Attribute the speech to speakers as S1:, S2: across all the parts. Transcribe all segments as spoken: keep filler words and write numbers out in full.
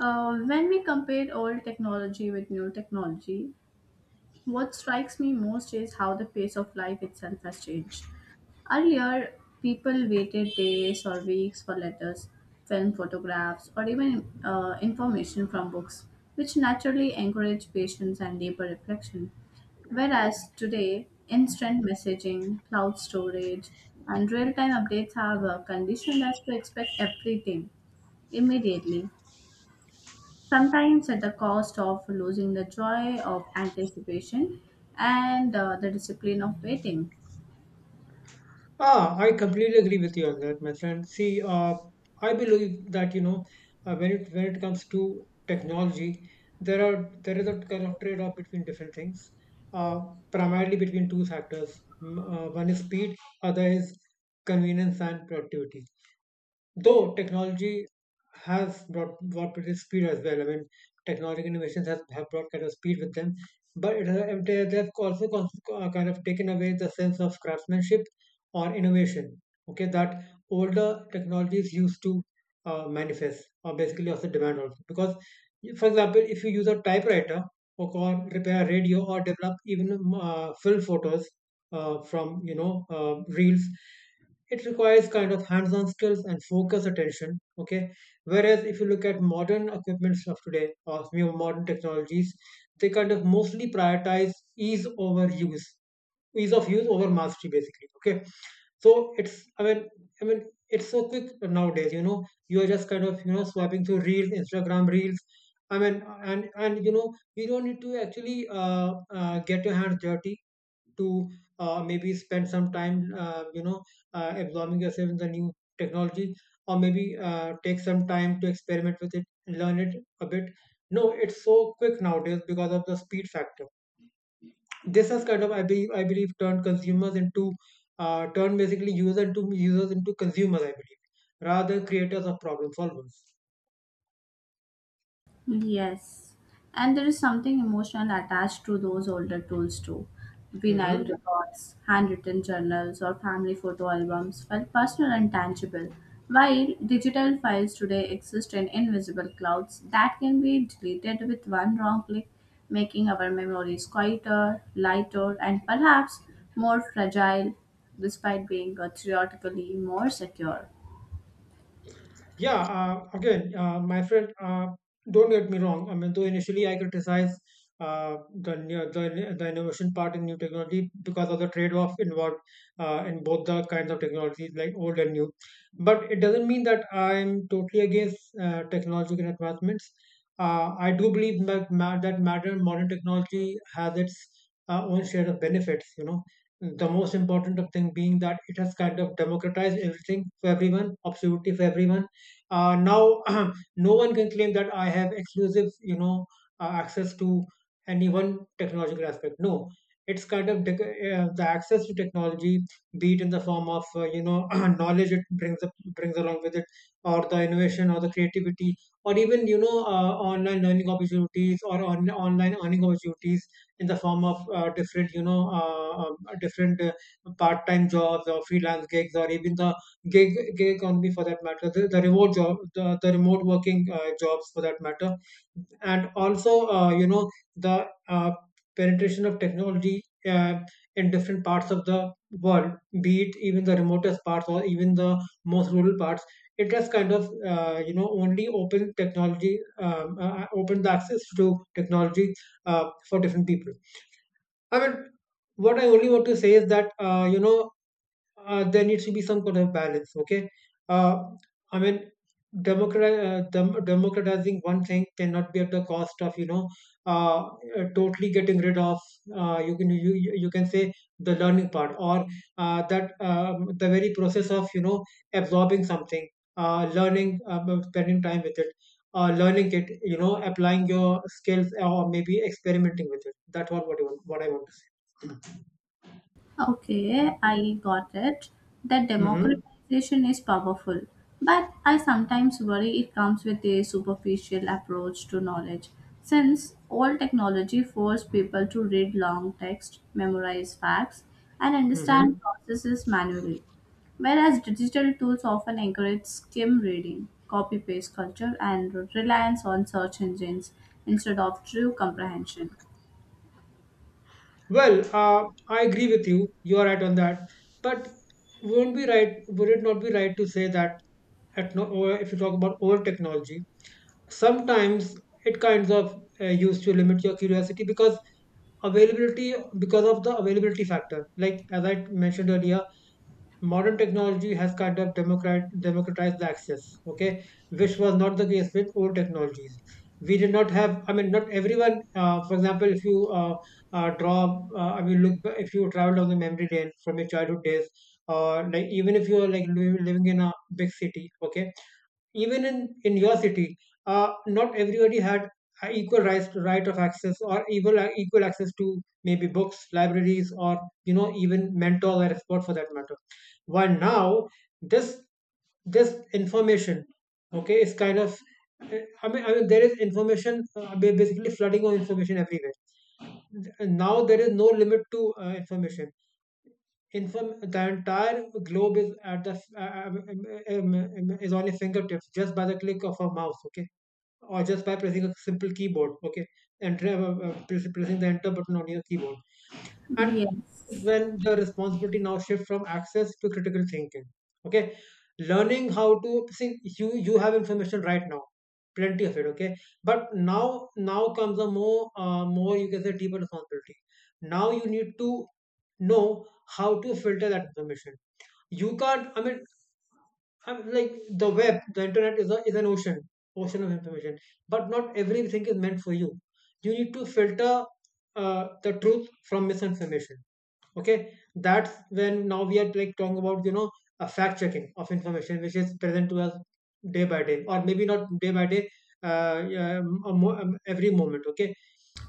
S1: Uh, when we compare old technology with new technology, what strikes me most is how the pace of life itself has changed. Earlier, people waited days or weeks for letters, film photographs, or even uh, information from books, which naturally encouraged patience and deeper reflection. Whereas today, instant messaging, cloud storage, and real time updates have uh, conditioned us to expect everything immediately, sometimes at the cost of losing the joy of anticipation and uh, the discipline of waiting.
S2: Ah, I completely agree with you on that, my friend. See, uh, I believe that you know uh, when it when it comes to technology, there are there is a kind of trade-off between different things, uh, primarily between two factors. M- Uh, one is speed, other is convenience and productivity. Though technology has brought brought with it speed as well. I mean, technological innovations have, have brought kind of speed with them, but it has, they, they've also cons- uh, kind of taken away the sense of craftsmanship or innovation. Okay, that older technologies used to uh, manifest or basically also demand also. Because, for example, if you use a typewriter or, or repair a radio or develop even um, uh, film photos uh, from you know uh, reels, it requires kind of hands-on skills and focus attention. Okay, whereas if you look at modern equipments of today or new modern technologies, they kind of mostly prioritize ease over use, ease of use over mastery basically. Okay, so it's I mean I mean it's so quick nowadays, you know, you are just kind of, you know, swiping through reels, Instagram reels. I mean, and and you know, you don't need to actually uh, uh, get your hands dirty to uh, maybe spend some time, uh, you know, uh, absorbing yourself in the new technology, or maybe uh, take some time to experiment with it and learn it a bit. No, it's so quick nowadays because of the speed factor. This has kind of, I believe, I believe, turned consumers into, uh, turned basically user to users into consumers. I believe, rather creators of problem solvers.
S1: Yes, and there is something emotional attached to those older tools too. Vinyl
S2: Hmm.
S1: records, handwritten journals, or family photo albums felt personal and tangible, while digital files today exist in invisible clouds that can be deleted with one wrong click, making our memories quieter, lighter, and perhaps more fragile despite being uh, theoretically more secure.
S2: Yeah, uh, again, uh, my friend, uh, don't get me wrong. I mean, though initially I criticize uh, the, new- the the innovation part in new technology because of the trade-off involved uh, in both the kinds of technologies, like old and new. But it doesn't mean that I'm totally against uh, technological advancements. Uh, I do believe that ma- that modern modern technology has its uh, own share of benefits. You know, the most important of thing being that it has kind of democratized everything for everyone, absolutely for everyone. Uh, now, no one can claim that I have exclusive, you know, uh, access to any one technological aspect. No, it's kind of dec- uh, the access to technology, be it in the form of, uh, you know, knowledge it brings up, brings along with it, or the innovation, or the creativity, or even, you know, uh, online learning opportunities or on, online earning opportunities in the form of uh, different, you know, uh, um, different, uh, part-time jobs or freelance gigs, or even the gig gig economy for that matter, the, the remote job, the, the remote working uh, jobs for that matter, and also, uh, you know, the uh, penetration of technology uh, in different parts of the world, be it even the remotest parts or even the most rural parts. It has kind of, uh, you know, only opened technology, um, uh, opened the access to technology uh, for different people. I mean, what I only want to say is that, uh, you know, uh, there needs to be some kind of balance. Okay, uh, I mean, democrat, uh, dem- democratizing one thing cannot be at the cost of, you know, uh, uh, totally getting rid of, uh, you can, you you you can say, the learning part or uh, that um, the very process of, you know, absorbing something, uh, learning, um, spending time with it. Uh, learning it, you know, applying your skills or maybe experimenting with it. That's all what, you want, what I want to
S1: Okay, I got it. That
S2: say. Mm-hmm.
S1: democratization is powerful, but I sometimes worry it comes with a superficial approach to knowledge. Since all technology forces people to read long text, memorize facts, and understand
S2: Mm-hmm.
S1: processes manually, whereas digital tools often encourage skim reading, copy paste culture, and reliance on search engines instead of true comprehension.
S2: Well, uh, I agree with you. You are right on that. But wouldn't be right. Would it not be right to say that at no, or if you talk about old technology, sometimes it kinds of, uh, used to limit your curiosity because availability because of the availability factor. Like as I mentioned earlier, modern technology has kind of democrat, democratized the access. Okay, which was not the case with old technologies. We did not have, I mean, not everyone, uh, for example, if you uh, uh, draw uh, I mean, look, if you travel down the memory lane from your childhood days, or like even if you are like li- living in a big city. Okay, even in, in your city, uh, not everybody had a equal rights to right of access or equal equal access to maybe books, libraries, or, you know, even mentor or expert for that matter. While now, this this information, okay, is kind of, I mean, I mean, there is information, uh, ba- basically flooding of information everywhere. Now there is no limit to uh, information, inform the entire globe is at the uh, um, um, um, is on your fingertips just by the click of a mouse. Okay, or just by pressing a simple keyboard. Okay, and uh, uh, pressing the enter button on your keyboard, and this is
S1: Yes.
S2: when the responsibility now shifts from access to critical thinking. Okay, learning how to see, you you have information right now, plenty of it. Okay, but now now comes a more uh, more, you can say, deeper responsibility. Now you need to know how to filter that information. You can't, I mean, I'm like, the web the internet is, a, is an ocean ocean of information, but not everything is meant for you. You need to filter uh, the truth from misinformation. Okay, that's when now we are like talking about, you know, a fact checking of information which is present to us day by day, or maybe not day by day, uh, yeah, um, a mo- um, every moment. Okay,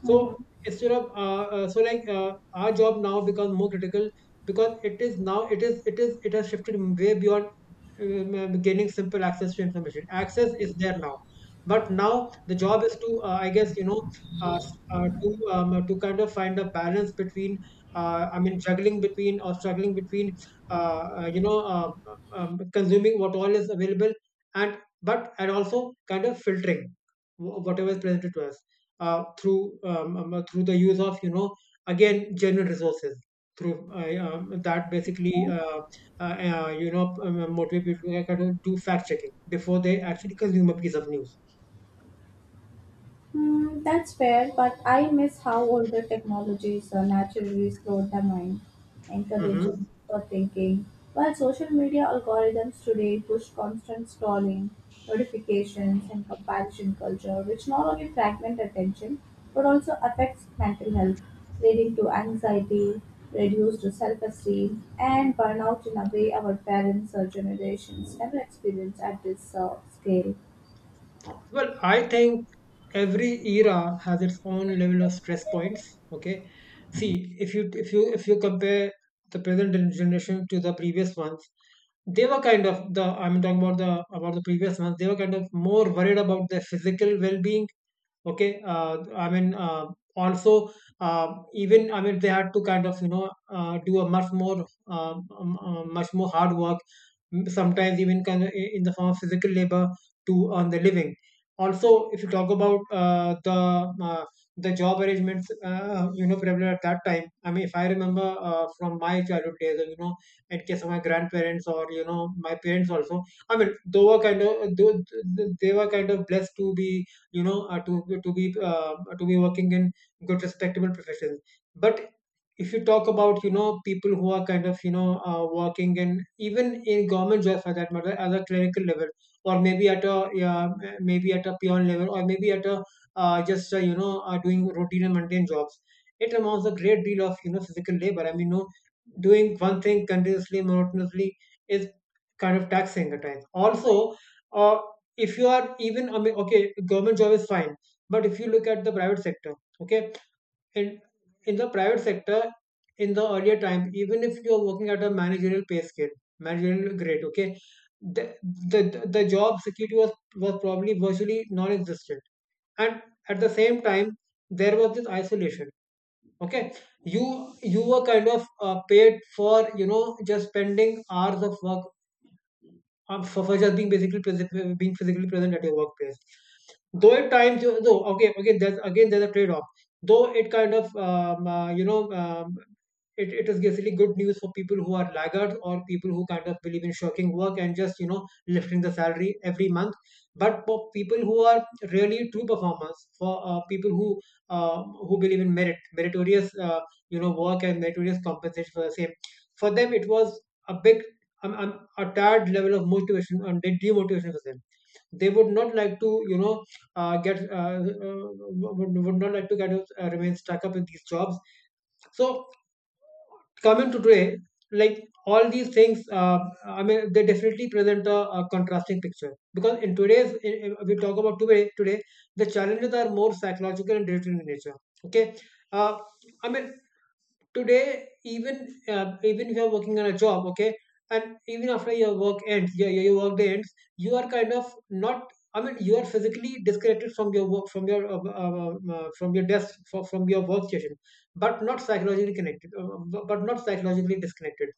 S2: so instead of uh, uh, so like uh, our job now becomes more critical because it is now, it is it is it has shifted way beyond um, uh, gaining simple access to information. Access is there now, but now the job is to, uh, I guess, you know, uh, s- uh, to um, to kind of find a balance between, uh, I mean, juggling between or struggling between, uh, uh, you know, uh, um, consuming what all is available, and but and also kind of filtering wh- whatever is presented to us uh, through um, um, uh, through the use of, you know, again, general resources, through uh, um, that basically uh, uh, uh, you know, um, uh, motivate people to kind of do fact checking before they actually consume a piece of news.
S1: Hmm, that's fair, but I miss how older technologies uh, naturally slowed the mind, encouraging
S2: Hmm.
S1: for thinking. While social media algorithms today push constant scrolling, notifications, and comparison culture, which not only fragment attention but also affects mental health, leading to anxiety, reduced self esteem, and burnout in a way our parents or generations never experienced at this uh, scale.
S2: Well, I think every era has its own level of stress points. Okay, see, if you if you if you compare the present gen- generation to the previous ones, they were kind of the, I'm talking about the, about the previous ones. They were kind of more worried about their physical well-being. Okay, uh, I mean uh, also uh, even, I mean, they had to kind of, you know, uh, do a much more, uh, um, uh, much more hard work, sometimes even kind of in the form of physical labor to earn the living. Also, if you talk about uh, the uh, the job arrangements, uh, you know, prevalent at that time. I mean, if I remember uh, from my childhood days, or, you know, in case of my grandparents or, you know, my parents also. I mean, they were kind of they, they were kind of blessed to be, you know, uh, to to be uh, to be working in good respectable professions. But if you talk about, you know, people who are kind of, you know, uh, working in even in government jobs for that matter at a clerical level, or maybe at a, yeah, maybe at a peon level, or maybe at a uh, just uh, you know, uh, doing routine and mundane jobs, it amounts a great deal of, you know, physical labor. I mean, no, doing one thing continuously monotonously is kind of taxing at times also. uh, if you are even, I mean, okay, government job is fine, but if you look at the private sector, okay, in in the private sector, in the earlier time, even if you are working at a managerial pay scale, managerial grade, okay, the the, the the job security was was probably virtually non-existent, and at the same time there was this isolation. Okay, you you were kind of, uh, paid for, you know, just spending hours of work, um, for, for just being basically present, being physically present at your workplace. Though at times, you- though okay, okay, there's again, there's a trade-off. Though it kind of um, uh, you know um, it, it is basically good news for people who are laggards or people who kind of believe in shirking work and just you know lifting the salary every month, but for people who are really true performers, for uh, people who uh, who believe in merit meritorious uh, you know work and meritorious compensation for the same, for them it was a big I'm, I'm a tired level of motivation and de- demotivation for them. They would not like to, you know, uh, get uh, uh, would, would not like to get uh, remain stuck up in these jobs. So coming to today, like all these things, uh, I mean, they definitely present a, a contrasting picture because in today's in- in- we talk about today today the challenges are more psychological and digital in nature. Okay. uh, I mean, today even uh, even if you're working on a job, okay, and even after your work ends, your, your your work day ends, you are kind of not, I mean, you are physically disconnected from your work, from your uh, uh, uh, uh, from your desk, from, from your workstation, but not psychologically connected, uh, bu- but not psychologically disconnected.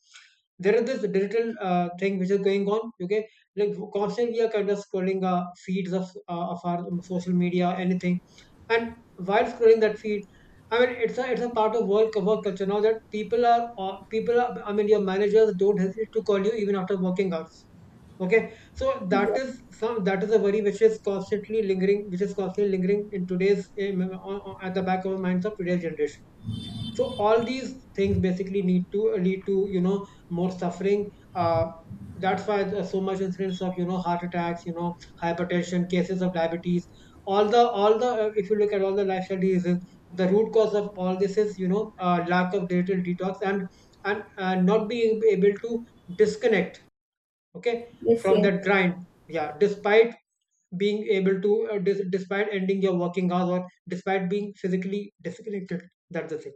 S2: There is this digital uh, thing which is going on, okay, like constantly we are kind of scrolling uh, feeds of uh, of our social media anything. And while scrolling that feed, I mean, it's a it's a part of work work culture now that people are uh, people are. I mean, your managers don't hesitate to call you even after working hours. Okay, so that is some that is a worry which is constantly lingering, which is constantly lingering in today's um, on- on- at the back of the minds of today's generation. So all these things basically need to lead to you know more suffering. Uh, that's why there's so much incidence of you know heart attacks, you know, hypertension, cases of diabetes. All the all the uh, if you look at all the lifestyle diseases, the root cause of all this is you know uh, lack of digital detox, and and uh, not being able to disconnect. Okay,
S1: This
S2: from
S1: year.
S2: that grind. Yeah, despite being able to uh, dis- despite ending your working hours or despite being physically disconnected. That's the thing.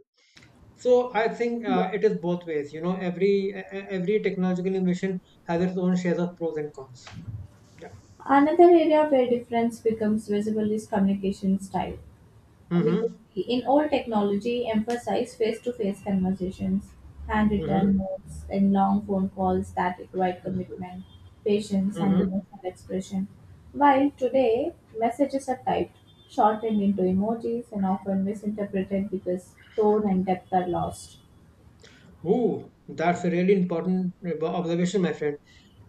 S2: So I think uh, it is both ways. You know, every e- e- every technological innovation has its own shares of pros and cons. Yeah.
S1: Another area where difference becomes visible is communication style. Because
S2: Mm-hmm.
S1: in all technology, emphasize face-to-face conversations,
S2: Mm-hmm.
S1: handwritten notes, and long phone calls that require
S2: Mm-hmm.
S1: commitment, patience, and
S2: Mm-hmm.
S1: emotional expression. While today, messages are typed, shortened into emojis, and often misinterpreted because tone and depth are lost.
S2: Ooh, that's a really important ob- observation, my friend.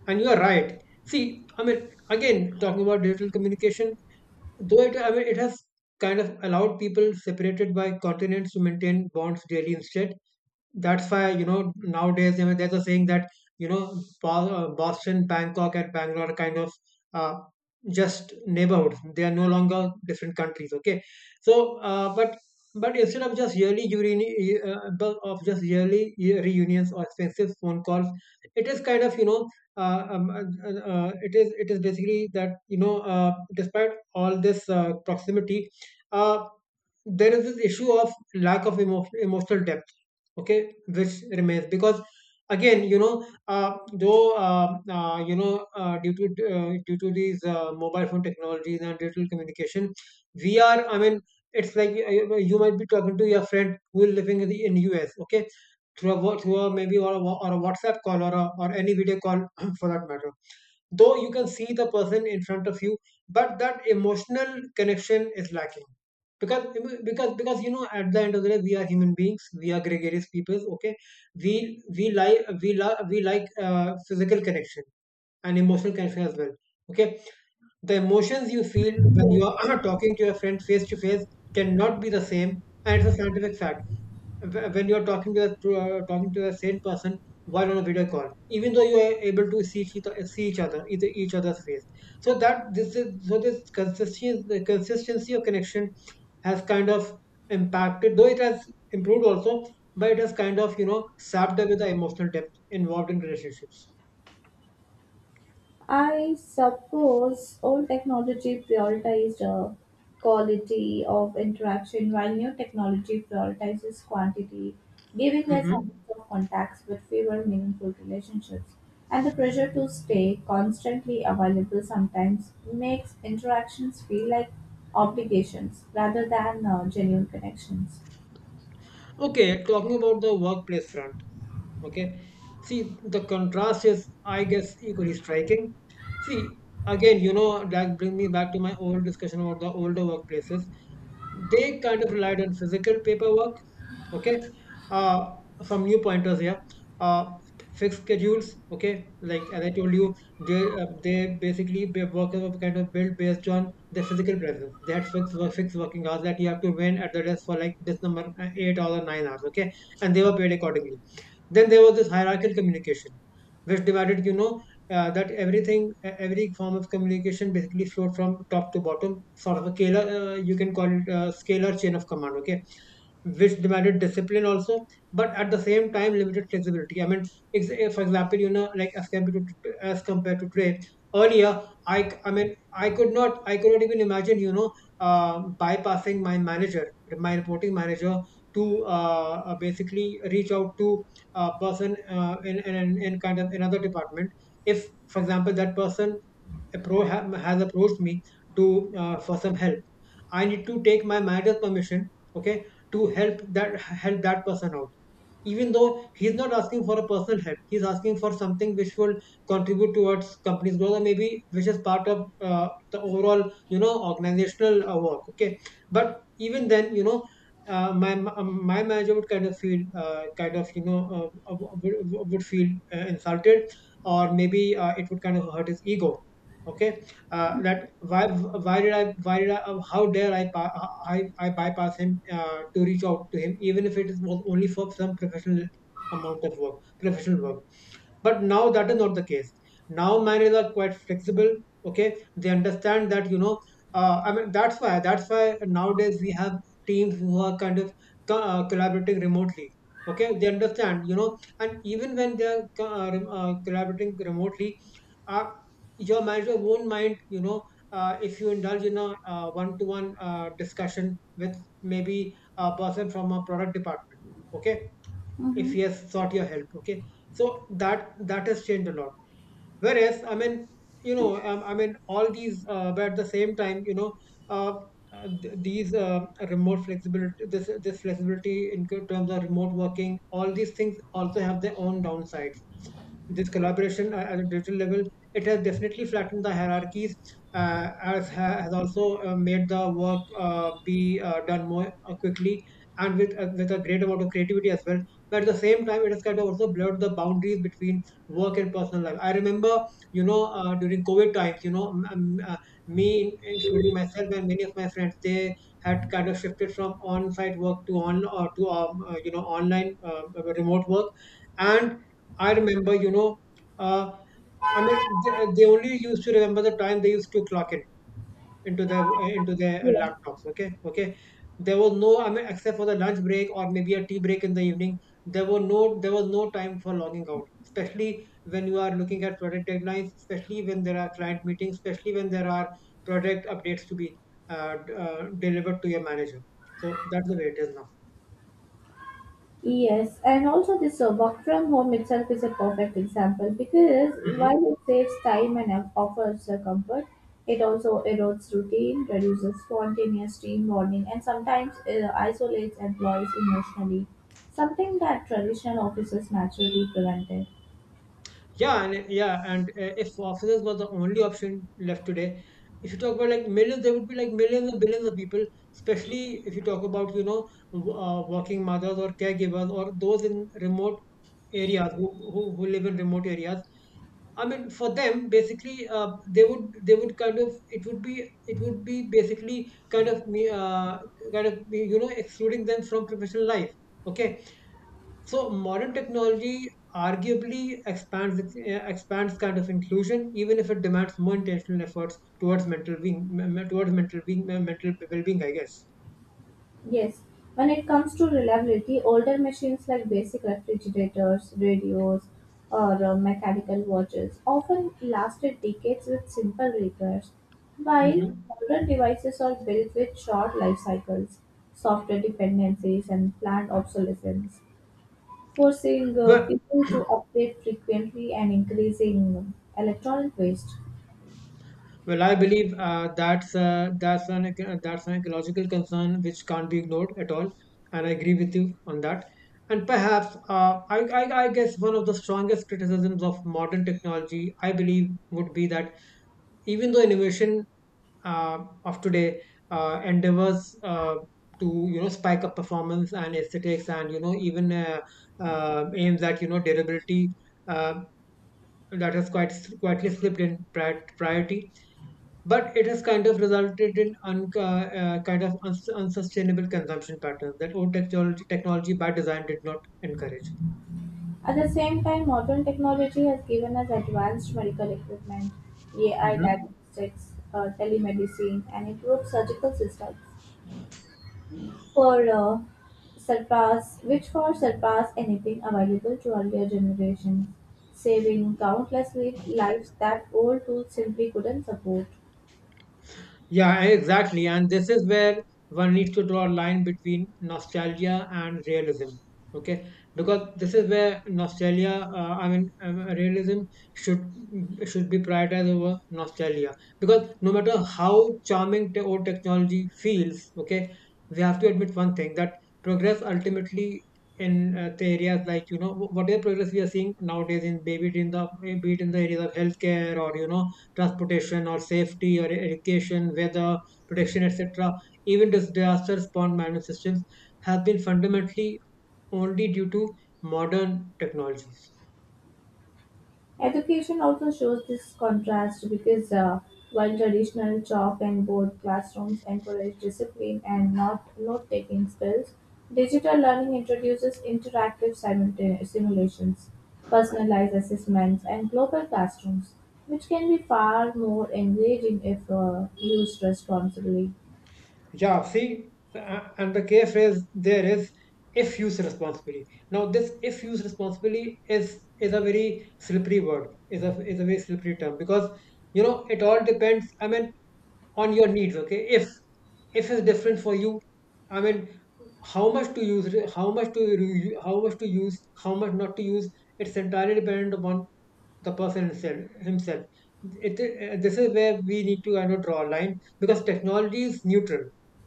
S2: And you are right. See, I mean, again, talking about digital communication, though it, I mean, it has kind of allowed people separated by continents to maintain bonds daily instead. That's why, you know, nowadays, I mean, there's a saying that, you know, Bo- uh, Boston, Bangkok, and Bangalore are kind of uh, just neighborhoods. They are no longer different countries, okay? So, uh, but but instead of just yearly reuni- uh, bu- of just yearly year- reunions or expensive phone calls, it is kind of, you know, uh, um, uh, uh, it is it is basically that, you know, uh, despite all this uh, proximity, uh, there is this issue of lack of emo- emotional depth, okay, which remains because again, you know, uh, though uh, uh, you know, uh, due to uh, due to these uh, mobile phone technologies and digital communication, we are. I mean, it's like uh, you might be talking to your friend who is living in the in U S, okay, through a, wa- through a maybe or a, wa- or a WhatsApp call or a, or any video call for that matter. Though you can see the person in front of you, but that emotional connection is lacking because because because you know at the end of the day we are human beings, we are gregarious peoples, okay. we we like we, like we like uh, physical connection and emotional connection as well, okay. The emotions you feel when you are talking to your friend face to face cannot be the same, and it's a scientific fact. Wh- when you're talking to a to, uh, talking to a same person while on a video call, even though you are able to see each other, see each other, either each other's face. So that this is so this consistency, the consistency of connection has kind of impacted, though it has improved also, but it has kind of you know sapped away the emotional depth involved in relationships.
S1: I suppose old technology prioritized uh, quality of interaction while new technology prioritizes quantity, giving us hundreds
S2: Hmm.
S1: of contacts but fewer meaningful relationships. And the pressure to stay constantly available sometimes makes interactions feel like obligations rather than uh, genuine connections.
S2: Okay, talking about the workplace front. Okay. See, the contrast is, I guess, equally striking. See, again, you know, that bring me back to my old discussion about the older workplaces. They kind of relied on physical paperwork. Okay. Uh, some new pointers here. Uh, Fixed schedules. Okay. Like as I told you, they, uh, they basically their workers were kind of built based on their physical presence. They had fixed work, fixed working hours that you have to win at the desk for like this number uh, eight hours or nine hours. Okay. And they were paid accordingly. Then there was this hierarchical communication, which divided, you know, uh, that everything, e- every form of communication basically flowed from top to bottom, sort of a scalar, uh, you can call it a scalar chain of command, okay, which demanded discipline also, but at the same time limited flexibility. I mean, ex- eh, for example, you know, like as compared to, as compared to today, earlier, I, c- I mean, I could not, I could not even imagine, you know, uh, bypassing my manager, my reporting manager, to uh, uh, basically reach out to uh, person uh, in, in in kind of another department. If for example that person appro- ha- has approached me to uh, for some help, I need to take my manager's permission, okay, to help that help that person out, even though he's not asking for a personal help, he's asking for something which will contribute towards company's growth or maybe which is part of uh, the overall you know organizational uh, work, okay. But even then, you know, uh, my ma- my manager would kind of feel uh, kind of you know uh, uh, would, would would feel uh, insulted, or maybe uh, it would kind of hurt his ego, okay. Uh, that why why did I why did I uh, how dare I pa- I I bypass him uh, to reach out to him, even if it is was only for some professional amount of work professional work. But now that is not the case. Now miners are quite flexible, okay. They understand that, you know, uh, I mean, that's why that's why nowadays we have teams who are kind of co- uh, collaborating remotely, okay. They understand, you know, and even when they are co- uh, rem- uh, collaborating remotely, uh, your manager won't mind, you know, uh, if you indulge in a uh, one-to-one uh, discussion with maybe a person from a product department, okay, if
S1: Mm-hmm.
S2: he has sought your help, okay. So that that has changed a lot. Whereas, I mean, you know, um, I mean all these uh, but at the same time, you know, uh, uh, th- these uh, remote flexibility this this flexibility in terms of remote working, all these things also have their own downside. This collaboration uh, at a digital level, it has definitely flattened the hierarchies, uh, as ha- has also uh, made the work uh, be uh, done more uh, quickly, and with uh, with a great amount of creativity as well. But at the same time, it has kind of also blurred the boundaries between work and personal life. I remember, you know, uh, during COVID times, you know, m- m- uh, me, including myself and many of my friends, they had kind of shifted from on-site work to on or to um, uh, you know online uh, remote work, and I remember, you know, uh, I mean, they, they only used to remember the time they used to clock in into their into their laptops. Okay, okay. There was no, I mean, except for the lunch break or maybe a tea break in the evening, there were no, there was no time for logging out. Especially when you are looking at project deadlines, especially when there are client meetings, especially when there are project updates to be uh, d- uh, delivered to your manager. So that's the way it is now.
S1: Yes, and also this uh, work from home itself is a perfect example, because
S2: Mm-hmm.
S1: while it saves time and uh, offers uh, comfort, it also erodes routine, reduces spontaneous teamwork, and sometimes uh, isolates employees emotionally, something that traditional offices naturally prevented.
S2: Yeah, and yeah, and uh, if officers were the only option left today, if you talk about like millions, there would be like millions and billions of people, especially if you talk about, you know, w- uh, working mothers or caregivers or those in remote areas who, who, who live in remote areas. I mean, for them, basically, uh, they would they would kind of it would be it would be basically kind of me uh, kind of be, you know, excluding them from professional life. Okay, so modern technology arguably expands eh, expands kind of inclusion, even if it demands more intentional efforts towards mental being m- towards mental being eh, mental well-being, I guess.
S1: Yes, when it comes to reliability, older machines like basic refrigerators, radios, or uh, mechanical watches often lasted decades with simple repairs, while
S2: Hmm.
S1: modern devices are built with short life cycles, software dependencies, and planned obsolescence, forcing uh,
S2: Well,
S1: people to update frequently and increasing electronic waste.
S2: well, I believe uh, that's uh, that's an eco- that's an ecological concern which can't be ignored at all, and I agree with you on that. And perhaps uh, I, I I guess one of the strongest criticisms of modern technology, I believe, would be that even though innovation uh, of today uh, endeavors uh, to you know spike up performance and aesthetics and you know even uh, uh, aims at you know durability uh, that has quite quietly slipped in pri- priority but it has kind of resulted in un- uh, uh, kind of uns- unsustainable consumption patterns that old technology technology by design did not encourage.
S1: At the same time, modern technology has given us advanced medical equipment, A I diagnostics, uh, telemedicine, and improved surgical systems for uh, surpass, which for surpass anything available to earlier generations, saving countless li- lives that old tools simply couldn't support.
S2: Yeah, exactly. And this is where one needs to draw a line between nostalgia and realism. Okay, because this is where nostalgia, uh, I mean, um, realism should should be prioritized over nostalgia. Because no matter how charming te- old technology feels, okay, we have to admit one thing that progress ultimately in uh, the areas like you know wh- whatever progress we are seeing nowadays in baby it in the be it in the areas of healthcare or you know transportation or safety or education, weather, protection, et cetera, even disaster response management systems have been fundamentally only due to modern technologies.
S1: Education also shows this contrast, because uh, while traditional chalk and board classrooms encourage discipline and not note-taking skills, digital learning introduces interactive simulta- simulations, personalized assessments, and global classrooms, which can be far more engaging if uh, used responsibly.
S2: Yeah, see, and the key phrase there is if used responsibly. Now, this if used responsibly is is a very slippery word, is a is a very slippery term because you know it all depends. I mean, on your needs, okay, if if is different for you. I mean, how much to use it, how much to re- how much to use, how much not to use. It's entirely dependent upon the person himself himself it, uh, This is where we need to kind of draw a line because technology is neutral.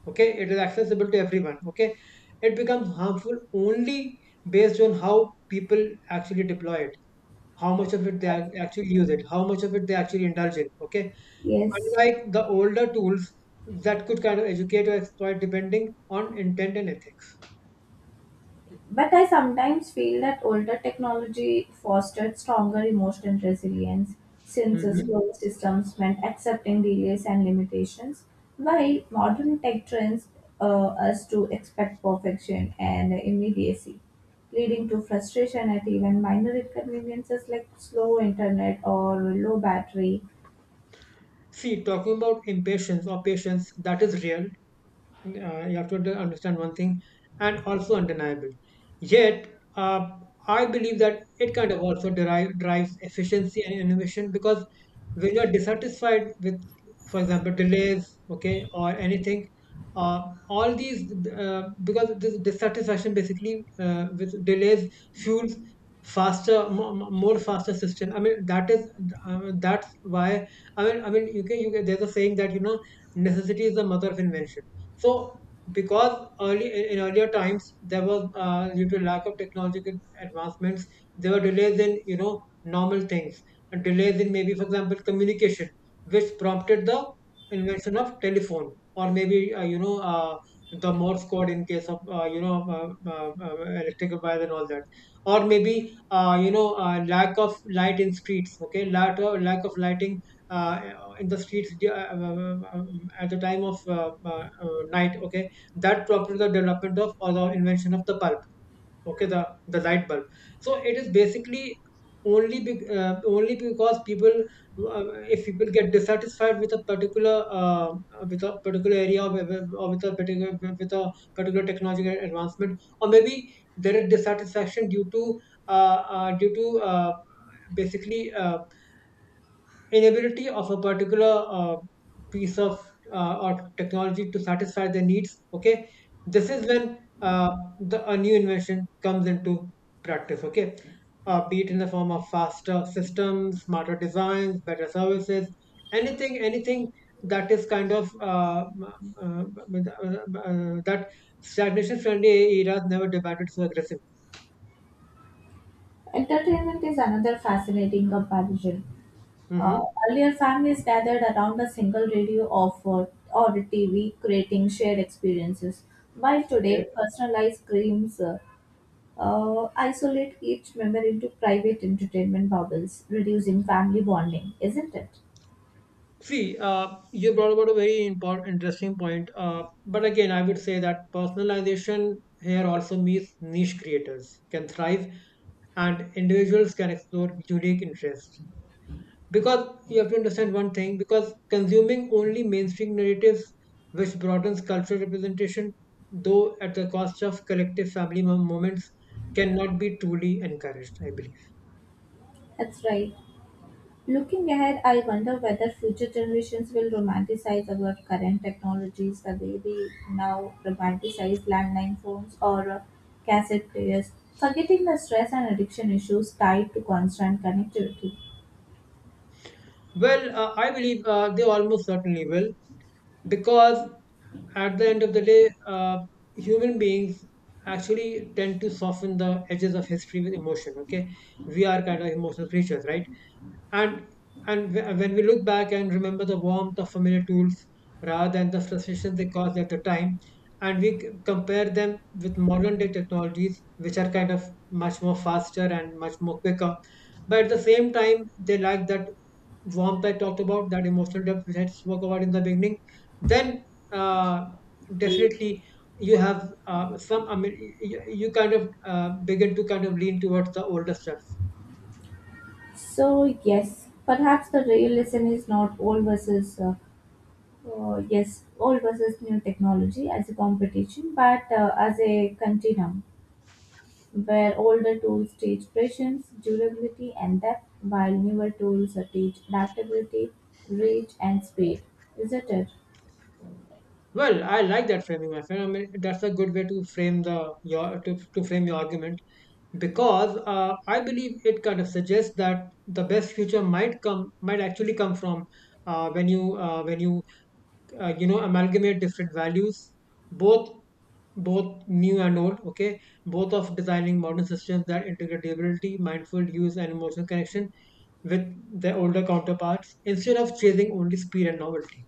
S2: Okay, it is accessible to everyone, okay. It becomes harmful only based on how people actually deploy it, how much of it they ac- actually use it, how much of it they actually indulge in, okay,
S1: Yes.
S2: unlike the older tools that could kind of educate or exploit depending on intent and ethics.
S1: But I sometimes feel that older technology fostered stronger emotional resilience, since the
S2: Mhm.
S1: slower systems meant accepting delays and limitations, while modern tech trends uh, us to expect perfection and immediacy, leading to frustration at even minor inconveniences like slow internet or low battery.
S2: See, talking about impatience or patience, that is real. Uh, you have to under- understand one thing, and also undeniable. Yet uh, I believe that it kind of also derive, drives efficiency and innovation because when you're dissatisfied with, for example, delays, okay, or anything. Uh, all these uh, Because this dissatisfaction basically uh, with delays fuels faster mo- mo- more faster system. I mean that is uh, that's why. I mean i mean you can you can, there's a saying that you know necessity is the mother of invention. So because early in in earlier times there was uh, due to lack of technological advancements, there were delays in you know normal things, and delays in maybe, for example, communication, which prompted the invention of telephone, or maybe uh, you know uh, the Morse code in case of uh, you know uh, uh, uh, electrical wires and all that. Or maybe uh, you know uh, lack of light in streets. Okay, lack of, lack of lighting uh, in the streets uh, uh, at the time of uh, uh, uh, night, okay, that brought to the development of, or the invention of, the bulb, okay, the the light bulb. So it is basically only be, uh, only because people uh, if people get dissatisfied with a particular uh, with a particular area, or with, or with a particular, with a particular technological advancement, or maybe there is dissatisfaction due to uh, uh, due to uh, basically uh, inability of a particular uh, piece of uh, or technology to satisfy their needs, okay. This is when uh, the a new invention comes into practice, okay, uh, be it in the form of faster systems, smarter designs, better services, anything, anything that is kind of uh, uh, uh, uh, that stagnation friendly eras never demanded so aggressive.
S1: Entertainment is another fascinating comparison.
S2: Hmm.
S1: Uh, Earlier, families gathered around a single radio or, for, or T V, creating shared experiences. While
S2: Okay.
S1: today, personalized games uh, uh, isolate each member into private entertainment bubbles, reducing family bonding, isn't it?
S2: See, uh, you brought about a very important, interesting point. Uh, but again, I would say that personalization here also means niche creators can thrive and individuals can explore unique interests. Because you have to understand one thing, because consuming only mainstream narratives, which broadens cultural representation, though at the cost of collective family mom- moments, cannot be truly encouraged, I believe.
S1: That's right. Looking ahead, I wonder whether future generations will romanticize our current technologies the way we now romanticize landline phones or uh, cassette players, forgetting the stress and addiction issues tied to constant connectivity.
S2: Well, uh, I believe uh, they almost certainly will because at the end of the day, uh, human beings actually tend to soften the edges of history with emotion. Okay, we are kind of like emotional creatures, right? and and wh- when we look back and remember the warmth of familiar tools rather than the frustration they caused at the time, and we c- compare them with modern day technologies which are kind of much more faster and much more quicker, but at the same time they lack that warmth I talked about, that emotional depth which I spoke about in the beginning, then uh, definitely you have uh, some. I mean, you, you kind of uh, begin to kind of lean towards the older stuff.
S1: So, yes, perhaps the real lesson is not old versus uh, uh, yes, old versus new technology as a competition, but uh, as a continuum, where older tools teach patience, durability, and depth, while newer tools teach adaptability, reach, and speed. Isn't it?
S2: Well, I like that framing, my friend. I mean, that's a good way to frame the your to, to frame your argument because uh, I believe it kind of suggests that the best future might come might actually come from uh, when you uh, when you uh, you know amalgamate different values, both both new and old, okay, both of designing modern systems that integrate durability, mindful use, and emotional connection with their older counterparts instead of chasing only speed and novelty.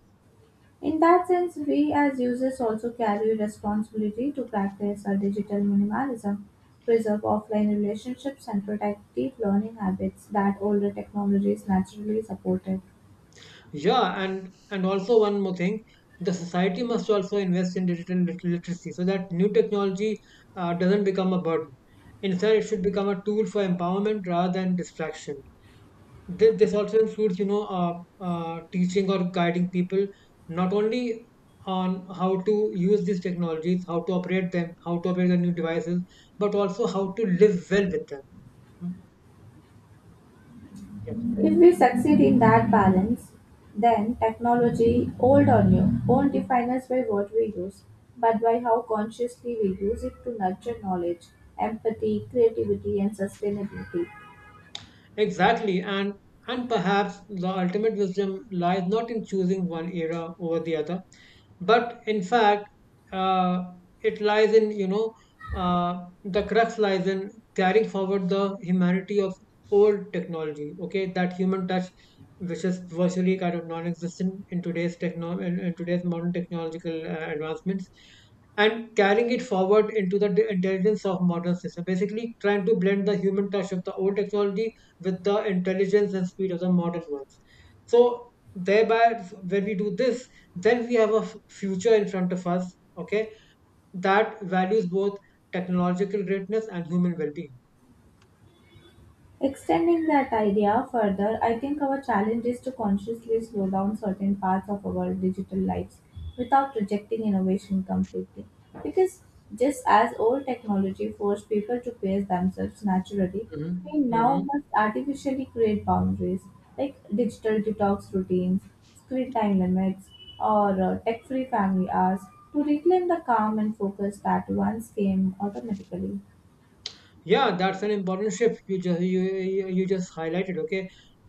S1: In that sense, we as users also carry responsibility to practice our digital minimalism, preserve offline relationships, and protect deep learning habits that older technologies naturally supported.
S2: Yeah, and and also one more thing, the society must also invest in digital lit- literacy so that new technology uh, doesn't become a burden. Instead, it should become a tool for empowerment rather than distraction. Th- this also includes, you know, uh, uh, teaching or guiding people not only on how to use these technologies, how to operate them, how to operate the new devices, but also how to live well with them. Mm. Yes.
S1: If we succeed in that balance, then technology, old or new, won't define us by what we use, but by how consciously we use it to nurture knowledge, empathy, creativity, and sustainability.
S2: Exactly, and and perhaps the ultimate wisdom lies not in choosing one era over the other, but in fact uh, it lies in you know uh, the crux lies in carrying forward the humanity of old technology, okay, that human touch which is virtually kind of non-existent in today's techno in, in today's modern technological uh, advancements, and carrying it forward into the d- intelligence of modern system, basically trying to blend the human touch of the old technology with the intelligence and speed of the modern ones. So thereby when we do this, then we have a f- future in front of us, okay, that values both technological greatness and human well-being.
S1: Extending that idea further, I think our challenge is to consciously slow down certain parts of our digital lives without rejecting innovation completely. Because just as old technology forced people to pace themselves naturally,
S2: Hmm.
S1: we now
S2: Hmm.
S1: must artificially create boundaries like digital detox routines, screen time limits, or uh, tech free family hours to reclaim the calm and focus that once came automatically.
S2: Yeah, that's an important shift you just you, you you just highlighted, okay.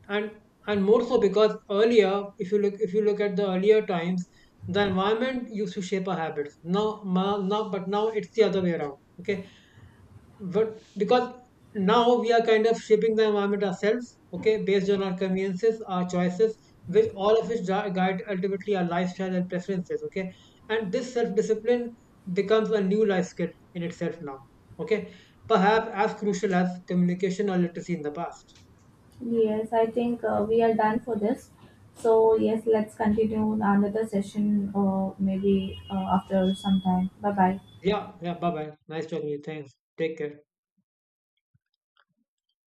S2: and and more so because earlier, if you look if you look at the earlier times, the environment used to shape our habits now ma- now but now it's the other way around, okay. But because now we are kind of shaping the environment ourselves, okay, based on our conveniences, our choices, which all of which gui- guide ultimately our lifestyle and preferences, okay. And this self-discipline becomes a new life skill in itself now, okay, perhaps as crucial as communication or literacy in the past.
S1: Yes, I think uh, we are done for this. So, yes, let's continue another session or maybe uh, after some time. Bye bye.
S2: Yeah, yeah, bye bye, nice talking to you, thanks, take care.